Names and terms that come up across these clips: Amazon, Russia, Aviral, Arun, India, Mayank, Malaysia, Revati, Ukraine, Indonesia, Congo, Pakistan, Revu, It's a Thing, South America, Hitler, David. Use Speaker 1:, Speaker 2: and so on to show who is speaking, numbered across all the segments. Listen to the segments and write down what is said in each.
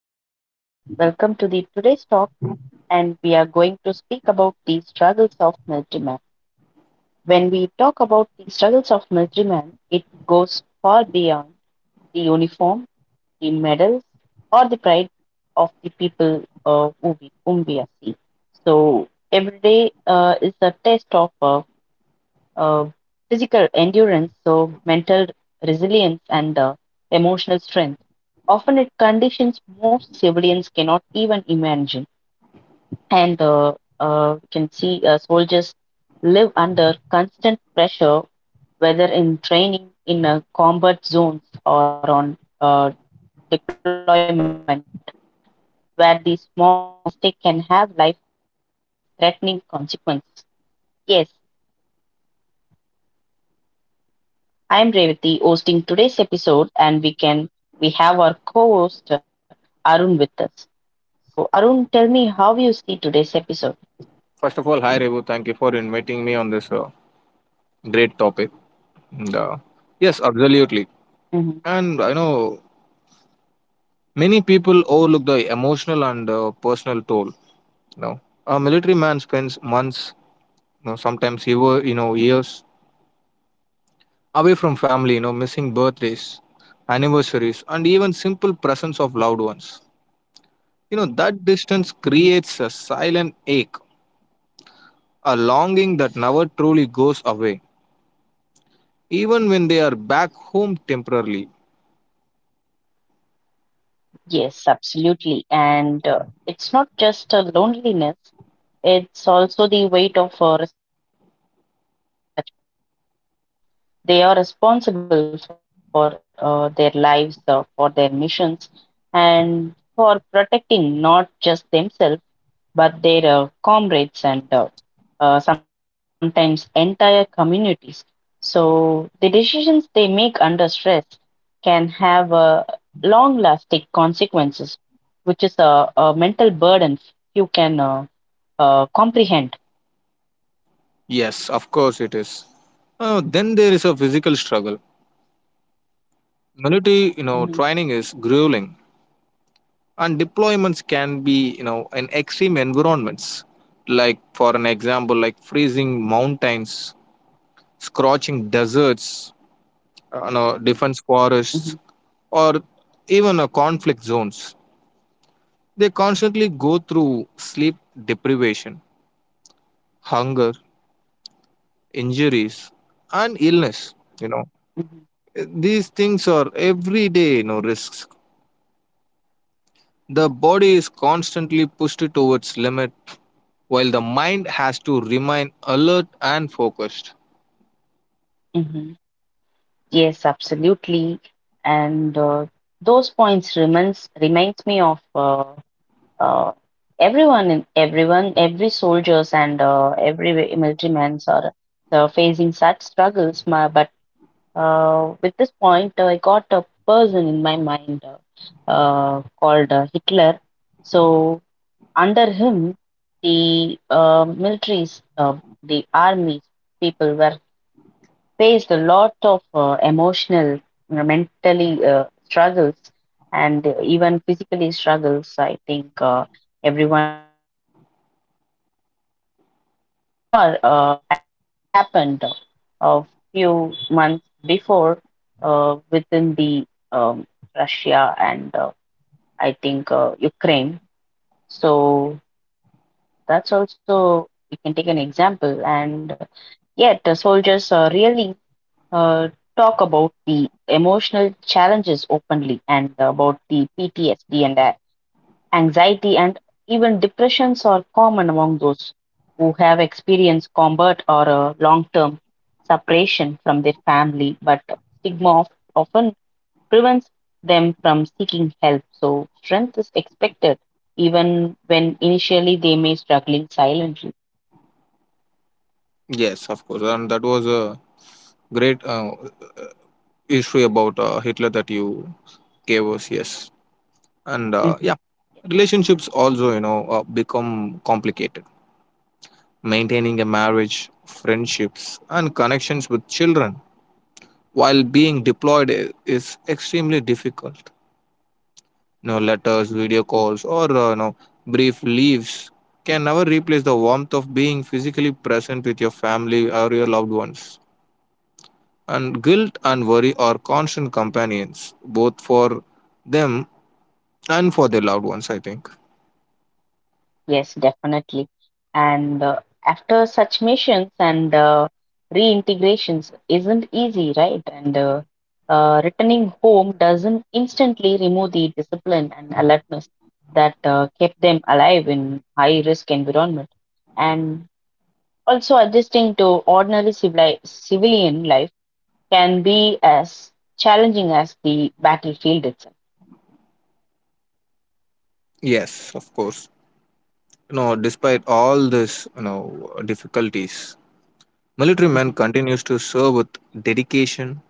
Speaker 1: Hi everyone, welcome to the today's talk and we are going to speak about the struggles of military men. When we talk about the struggles of military men, it goes far beyond the uniform, the medals or the pride of the people whom we are seeing. So every day is a test of uh, physical endurance, so mental resilience and emotional strength. Often it conditions most civilians cannot even imagine. And we can see soldiers live under constant pressure, whether in training in combat zones or on deployment, where the smallest mistake can have life-threatening consequences. Yes, I am Revati, hosting today's episode, and we have our co-host Arun with us. So, Arun, tell me how you see today's episode.
Speaker 2: First of all, hi Revu, thank you for inviting me on this great topic. And, uh, yes, absolutely. And I
Speaker 1: Mhm.
Speaker 2: know many people overlook the emotional and personal toll. You know, a military man spends months, sometimes year, years away from family. You know, missing birthdays, anniversaries, and even simple presence of loved ones. You know, that distance creates a silent ache, a longing that never truly goes away, even when they are back home temporarily.
Speaker 1: Yes, absolutely. And it's not just a loneliness, it's also the weight of responsibility of such persons. So they are responsible for their lives, for their missions, and for protecting not just themselves, but their comrades and sometimes entire communities. So the decisions they make under stress can have long lasting consequences, which is a mental burden you can comprehend.
Speaker 2: Yes, of course it is. Then there is a physical struggle. Military, you know, training
Speaker 1: Mhm.
Speaker 2: is grueling, and deployments can be, you know, in extreme environments. Like for an example, like freezing mountains, scorching deserts, you know, defense forests, or even conflict zones. They constantly go through sleep deprivation, hunger, injuries, and illness. You
Speaker 1: Mhm.
Speaker 2: know, these things are every day, you know, risks. The body is constantly pushed to its limit while the mind has to remain alert and focused.
Speaker 1: Mhm. Yes, absolutely. And those points reminds me of uh, every soldiers and every military men are facing such struggles. My but with this point, I got a person in my mind called Hitler. So under him, the militaries, the army people were faced a lot of emotional, mentally struggles, and even physically struggles. I think everyone knows it. And also, the war has happened a few months before within the um, Russia and I think Ukraine. So that's also, we can take an example. And yet, the soldiers really uh, talk about the emotional challenges openly and about the PTSD and anxiety, and even depressions are common among those who have experienced combat or a long term separation from their family. But stigma of, often prevents them from seeking help. So, strength is expected even when initially they may struggling silently.
Speaker 2: Yes, of course. And that was a great issue about Hitler that you gave us. Yes. And yeah,
Speaker 1: Mhm.
Speaker 2: relationships also, you know, become complicated. Maintaining a marriage, friendships, and connections with children while being deployed is extremely difficult. You know, letters, video calls, or you know, brief leaves can never replace the warmth of being physically present with your family or your loved ones. And guilt and worry are constant companions, both for them and for their loved ones, I think.
Speaker 1: Yes, definitely. And after such missions and reintegrations isn't easy, right? And returning home doesn't instantly remove the discipline and alertness that kept them alive in high risk environment. And also adjusting to ordinary civilian life can be as challenging as the battlefield itself.
Speaker 2: Yes, of course. You know, despite all this, you know, difficulties, military men
Speaker 1: Mhm.
Speaker 2: continues to serve with dedication,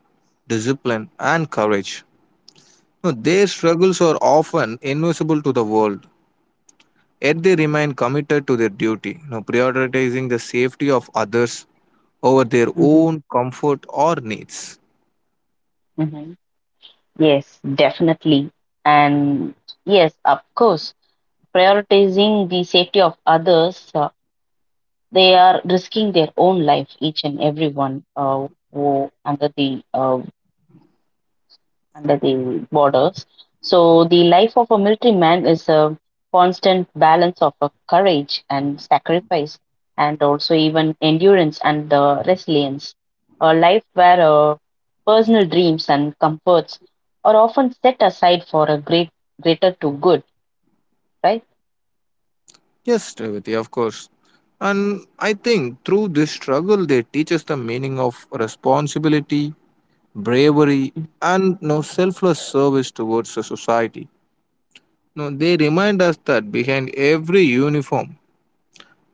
Speaker 2: discipline, and courage. You know, their struggles are often invisible to the world. Yet they remain committed to their duty, you know, prioritizing the safety of others over their
Speaker 1: Mhm.
Speaker 2: own comfort or needs.
Speaker 1: Mhm. Yes, definitely. And yes, of course, prioritizing the safety of others, they are risking their own life, each and every one, who under the under the borders. So the life of a military man is a constant balance of courage and sacrifice, and also even endurance and the resilience. A life where personal dreams and comforts are often set aside for a greater to good, right?
Speaker 2: Yes, Revati, of course. And I think through this struggle, they teach us the meaning of responsibility, bravery, and no selfless service towards the society. No, they remind us that behind every uniform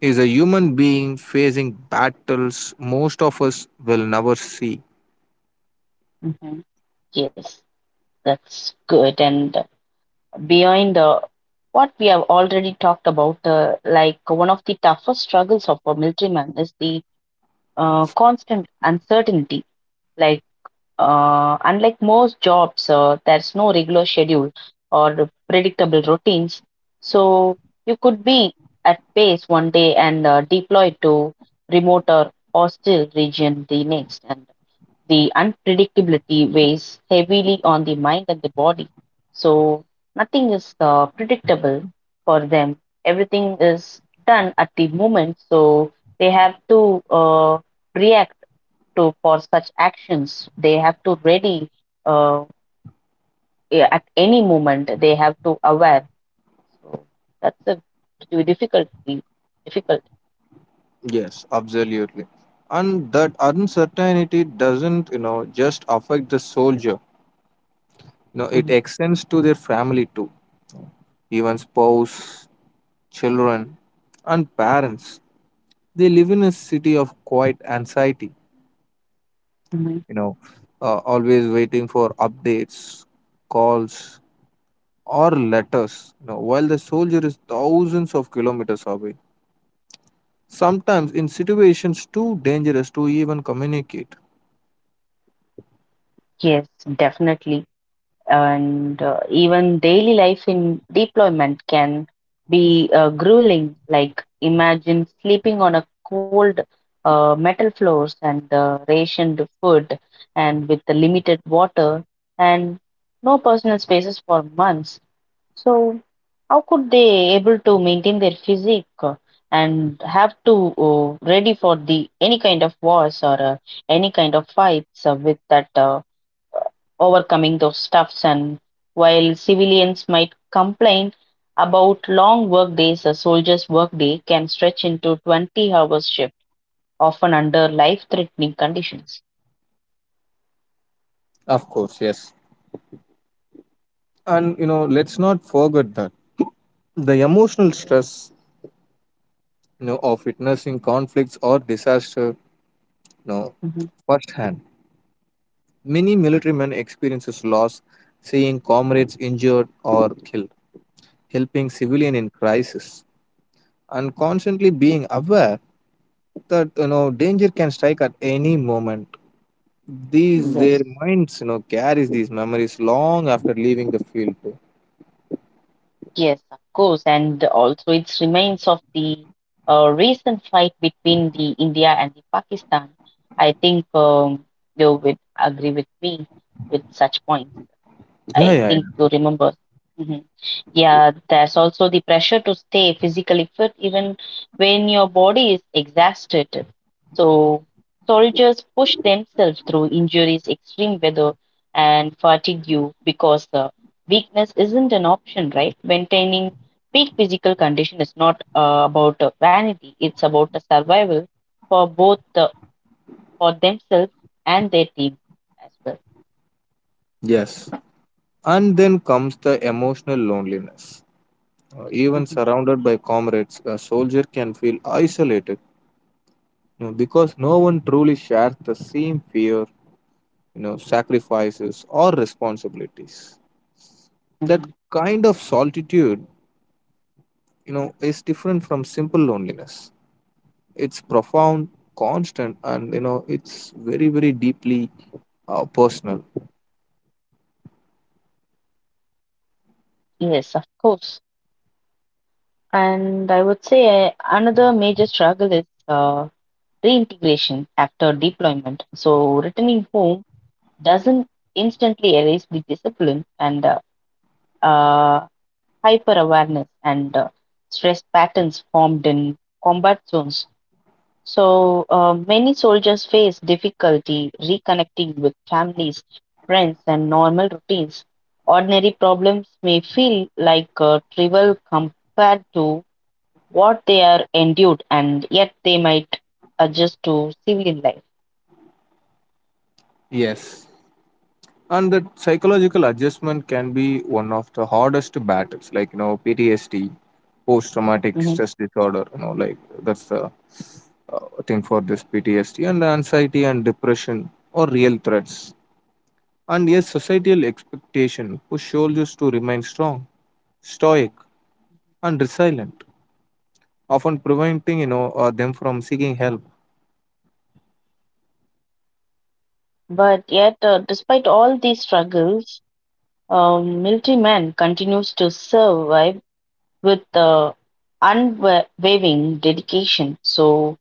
Speaker 2: is a human being facing battles most of us will never see.
Speaker 1: Mhm. Yes, that's good. And beyond what we have already talked about, like one of the toughest struggles of a military man is the constant uncertainty. Like unlike most jobs, there's no regular schedule or predictable routines. So you could be at base one day and deployed to remote or hostile region the next. And the unpredictability weighs heavily on the mind and the body. So nothing is predictable for them. Everything is done at the moment. So they have to react to, for such actions they have to ready, uh, yeah, at any moment they have to aware, so that's a di- difficult difficult.
Speaker 2: Yes, absolutely. And that uncertainty doesn't, you know, just affect the soldier. You know, it
Speaker 1: Mhm.
Speaker 2: extends to their family too, even spouse, children, and parents. They live in a city of quiet anxiety,
Speaker 1: Mhm.
Speaker 2: you know, always waiting for updates, calls, or letters, you know, while the soldier is thousands of kilometers away. Sometimes in situations too dangerous to even communicate.
Speaker 1: Yes, definitely. And even daily life in deployment can be grueling, like imagine sleeping on a cold metal floors and rationed food and with the limited water and no personal spaces for months. So, how could they able to maintain their physique and have to ready for the any kind of wars or any kind of fights with that overcoming those stuffs, and while civilians might complain about long work days, a soldier's work day can stretch into 20 hours shift, often under life-threatening conditions.
Speaker 2: Of course, yes. And you know, let's not forget that the emotional stress, you know, of witnessing conflicts or disaster, you know,
Speaker 1: Mhm.
Speaker 2: firsthand. Many military men experiences loss, seeing comrades injured or killed, helping civilian in crisis, and constantly being aware that, you know, danger can strike at any moment. These their
Speaker 1: Yes.
Speaker 2: minds, you know, carries these memories long after leaving the field too.
Speaker 1: Yes, of course, and also it remains of the recent fight between the India and the Pakistan. I think you would agree with me with such points.
Speaker 2: Yeah,
Speaker 1: I
Speaker 2: yeah,
Speaker 1: think
Speaker 2: yeah.
Speaker 1: you remember. Mhm. Yeah, there's also the pressure to stay physically fit even when your body is exhausted. So, soldiers push themselves through injuries, extreme weather, and fatigue you because the weakness isn't an option, right? Maintaining peak physical condition is not about vanity, it's about a survival for both for themselves and their team as well.
Speaker 2: Yes. And then comes the emotional loneliness. Even
Speaker 1: Mhm.
Speaker 2: surrounded by comrades, a soldier can feel isolated, you know, because no one truly shares the same fear, you know, sacrifices or responsibilities. That
Speaker 1: Mhm.
Speaker 2: kind of solitude, you know, is different from simple loneliness. It's profound, constant, and, you know, it's very deeply personal.
Speaker 1: Yes, of course. And I would say another major struggle is reintegration after deployment. So returning home doesn't instantly erase the discipline and uh, hyper awareness and stress patterns formed in combat zones. So many soldiers face difficulty reconnecting with families, friends, and normal routines. Ordinary problems may feel like trivial compared to what they are endured, and yet they might adjust to civilian life.
Speaker 2: Yes. And that psychological adjustment can be one of the hardest battles, like, you know, PTSD, post traumatic
Speaker 1: Mhm.
Speaker 2: stress disorder, you know, like that's the thing for this PTSD and anxiety and depression or real threats. And yes, societal expectation push soldiers to remain strong, stoic, and resilient, often preventing, you know, them from seeking help.
Speaker 1: But yet, despite all these struggles, military man continues to survive with unwavering dedication. So,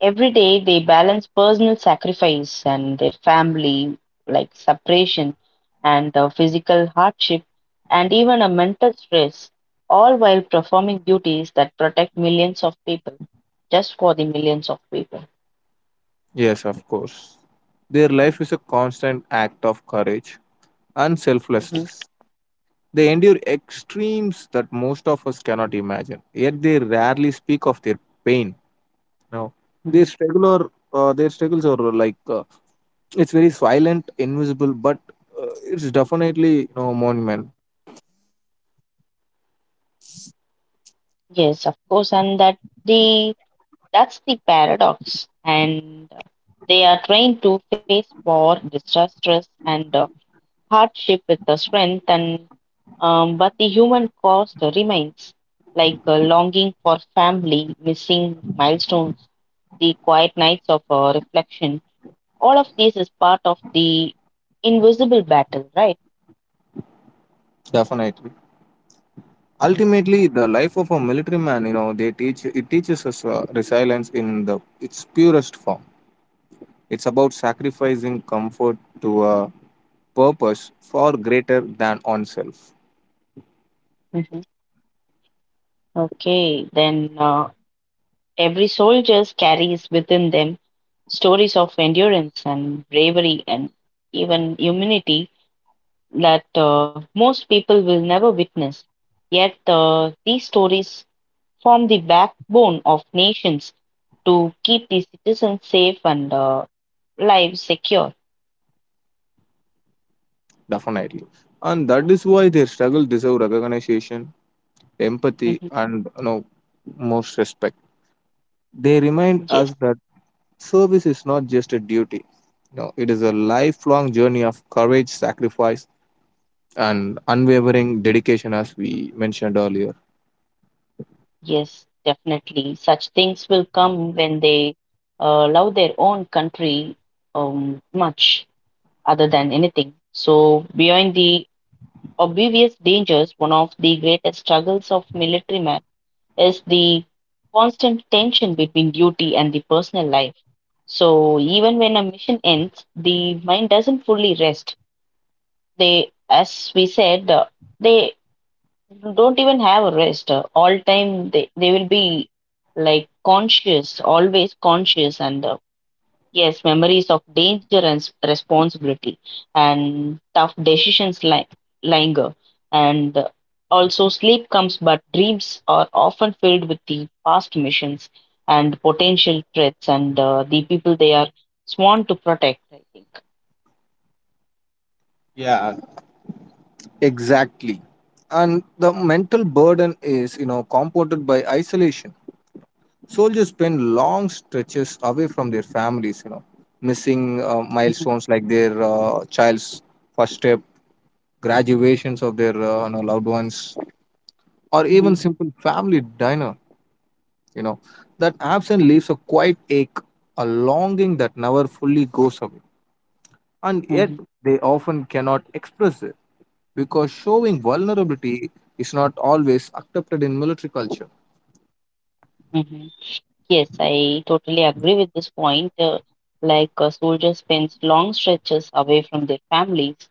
Speaker 1: every day they balance personal sacrifice and their family, like separation and physical hardship, and even a mental stress, all while performing duties that protect millions of people, just for the millions of people.
Speaker 2: Yes, of course, their life is a constant act of courage and
Speaker 1: Mhm.
Speaker 2: selflessness. They endure extremes that most of us cannot imagine, yet they rarely speak of their pain. No. Their
Speaker 1: Hmm.
Speaker 2: struggle or their struggles are like, it's very silent, invisible, but it's definitely you.
Speaker 1: Yes, of course, and the that's the paradox, and they are trained to face war, distress, stress, and hardship with the strength, and but the human cost remains, like a longing for family, missing milestones, the quiet nights of reflection. All of this is part of the invisible battle, right?
Speaker 2: Definitely. Ultimately, the life of a military man, you know, they teach it teaches us resilience in the its purest form. It's about sacrificing comfort to a purpose far greater than oneself.
Speaker 1: Mhm. Okay, then every soldier carries within them stories of endurance and bravery and even humanity that most people will never witness. Yet these stories form the backbone of nations to keep the citizens safe and lives secure.
Speaker 2: Definitely, and that is why their struggle deserve recognition, empathy,
Speaker 1: Mhm.
Speaker 2: and, you know, most respect. They remind
Speaker 1: Yes,
Speaker 2: us that service is not just a duty. You know, it is a lifelong journey of courage, sacrifice, and unwavering dedication, as we mentioned earlier.
Speaker 1: yes, definitely. Such things will come when they love their own country much other than anything. So, beyond the obvious dangers, one of the greatest struggles of military man is the constant tension between duty and the personal life. So even when a mission ends, the mind doesn't fully rest. They, as we said, they don't even have a rest. All time they will be like conscious, always conscious, and yes, memories of danger and responsibility and tough decisions linger. And also, sleep comes, but dreams are often filled with the past missions and potential threats and the people they are sworn to protect, I think.
Speaker 2: Yeah, exactly. And the mental burden is, you know, compounded by isolation. Soldiers spend long stretches away from their families, you know, missing
Speaker 1: Hmm.
Speaker 2: milestones like their child's first step, graduations of their you know, loved ones, or even
Speaker 1: Hmm.
Speaker 2: simple family dinner. You know, that absence leaves a quiet ache, a longing that never fully goes away, and yet
Speaker 1: Hmm.
Speaker 2: they often cannot express it, because showing
Speaker 1: Yes.
Speaker 2: vulnerability is not always accepted in military culture.
Speaker 1: Hmm. Yes, I totally agree with this point. Like a soldier spends long stretches away from their families.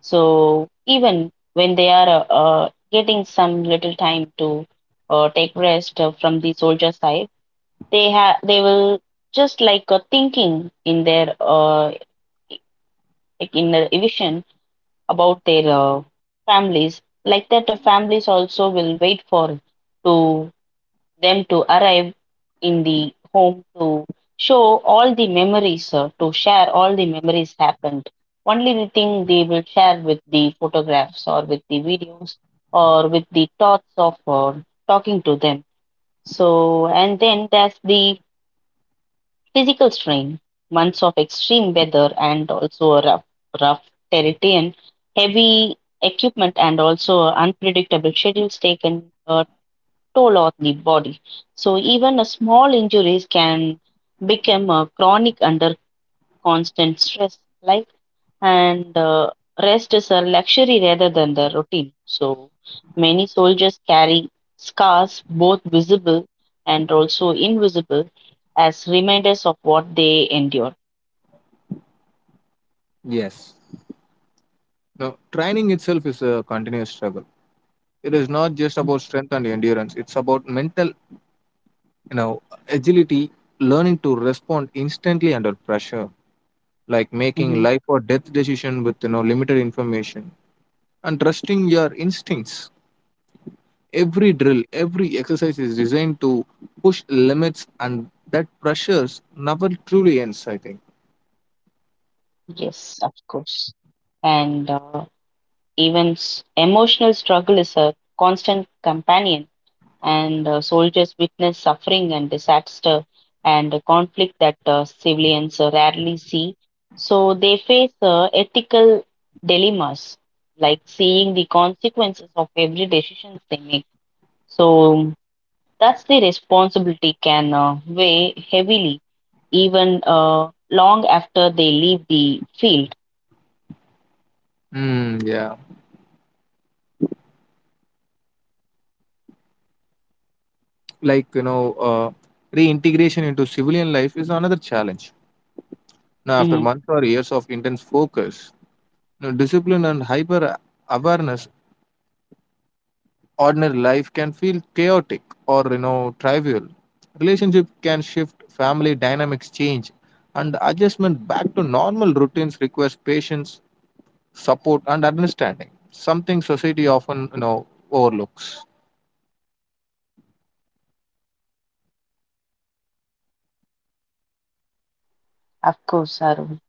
Speaker 1: So even when they are getting some little time to take rest from the soldier side, they will just like thinking in their like in their vision about their families. Like that, the families also will wait for to them to arrive in the home to show all the memories, to share all the memories happened. Only the thing they will share with the photographs or with the videos or with the thoughts of talking to them. So, and then there's the physical strain, months of extreme weather and also a rough terrain, heavy equipment and also unpredictable schedules taken toll on the body. So even a small injuries can become chronic under constant stress. Like, and rest is a luxury rather than the routine. So many soldiers carry scars, both visible and also invisible, as reminders of what they endure.
Speaker 2: Yes. Now, training itself is a continuous struggle. It is not just about
Speaker 1: Mhm.
Speaker 2: strength and endurance. It's about mental, you know, agility, learning to respond instantly under pressure, like making
Speaker 1: Mhm.
Speaker 2: life or death decision with, you know, limited information and trusting your instincts. Every
Speaker 1: Mhm.
Speaker 2: drill, every exercise is designed to push limits, and that pressures never truly ends, I think.
Speaker 1: Yes, of course. And even emotional struggle is a constant companion, and soldiers witness suffering and disaster and the conflict that civilians rarely see. So they face ethical dilemmas, like seeing the consequences of every decision they make. So that's the responsibility can weigh heavily, even long after they leave the field.
Speaker 2: Yeah, like, you know, uh, reintegration into civilian life is another challenge now. After
Speaker 1: Mhm.
Speaker 2: months or years of intense focus, you know, discipline and hyper awareness, ordinary life can feel chaotic or, you know, trivial. Relationship can shift, family dynamics change, and adjustment back to normal routines requires patience, support, and understanding, something society often, you know, overlooks.
Speaker 1: Of course, Arun.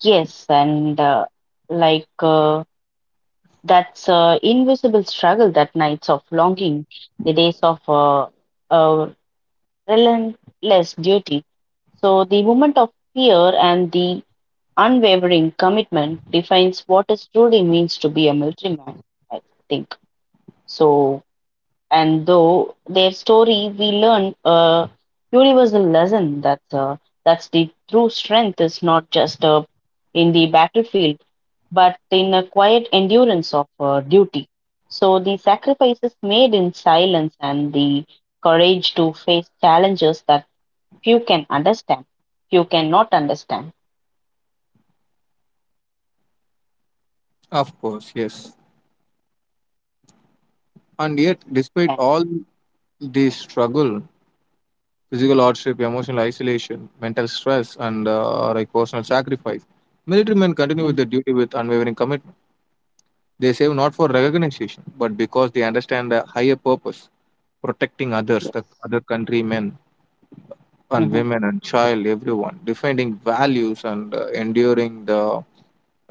Speaker 1: Yes, and like. That's invisible struggle, that nights of longing, the days of uh, relentless duty. So the moment of fear and the unwavering commitment defines what it truly means to be a military man, I think. So and though their story we learn a universal lesson, that's the true strength is not just in the battlefield but in a quiet endurance of duty, so the sacrifices made in silence and the courage to face challenges that few can understand few cannot understand.
Speaker 2: Of course, yes. And yet
Speaker 1: Yes,
Speaker 2: despite
Speaker 1: and
Speaker 2: all this struggle, physical hardship, emotional isolation, mental stress, and like personal sacrifice, military men continue with their
Speaker 1: mhm,
Speaker 2: duty with unwavering commitment. They save not for
Speaker 1: mhm,
Speaker 2: recognition, but because they understand the higher purpose, protecting others,
Speaker 1: yes.
Speaker 2: the other countrymen and women and child, everyone, defending values and enduring the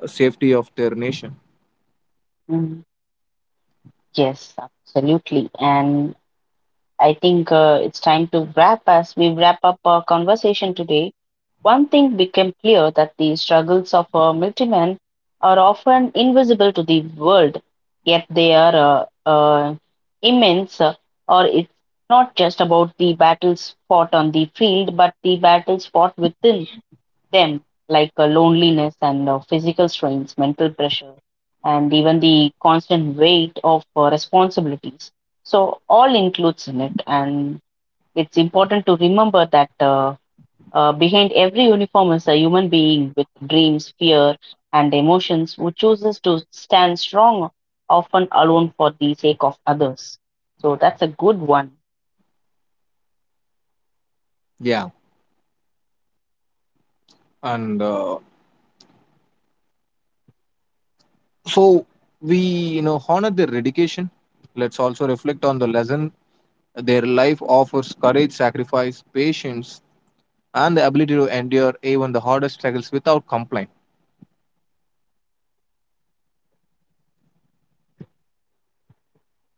Speaker 2: safety of their nation.
Speaker 1: Hmm. Yes, absolutely. And I think it's time to wrap as we wrap up our conversation today. One thing became clear, that the struggles of militiamen are often invisible to the world, yet they are immense. Or it's not just about the battles fought on the field, but the battles fought within them, like loneliness and physical strains, mental pressure, and even the constant weight of responsibilities. So, all includes in it, and it's important to remember that behind every uniform is a human being with dreams, fear, and emotions who chooses to stand strong, often alone for the sake of others. So, that's a good one.
Speaker 2: Yeah, and so we, you know, honor their dedication. Let's also reflect on the lesson their life offers, courage, sacrifice, patience, and the ability to endure even the hardest struggles without complaint.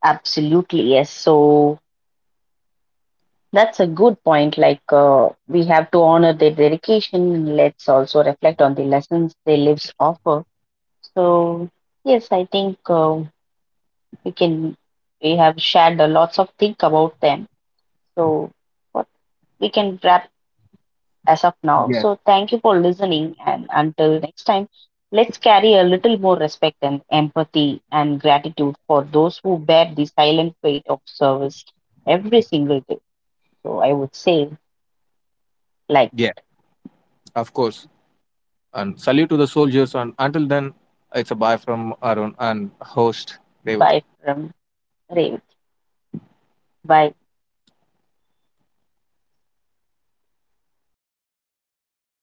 Speaker 1: Absolutely, yes. So that's a good point. Like, we have to honor their dedication and let's also reflect on the lessons their lives offer. So, yes, I think we can, we have shared a lots of think about them. So, what we can wrap as of now.
Speaker 2: Yes.
Speaker 1: So, thank you for listening. And until next time, let's carry a little more respect and empathy and gratitude for those who bear the silent weight of service every single day. So I would say like
Speaker 2: Yeah, of course. And salute to the soldiers. And until then, it's a bye from Arun and host David.
Speaker 1: buy from Revit, buy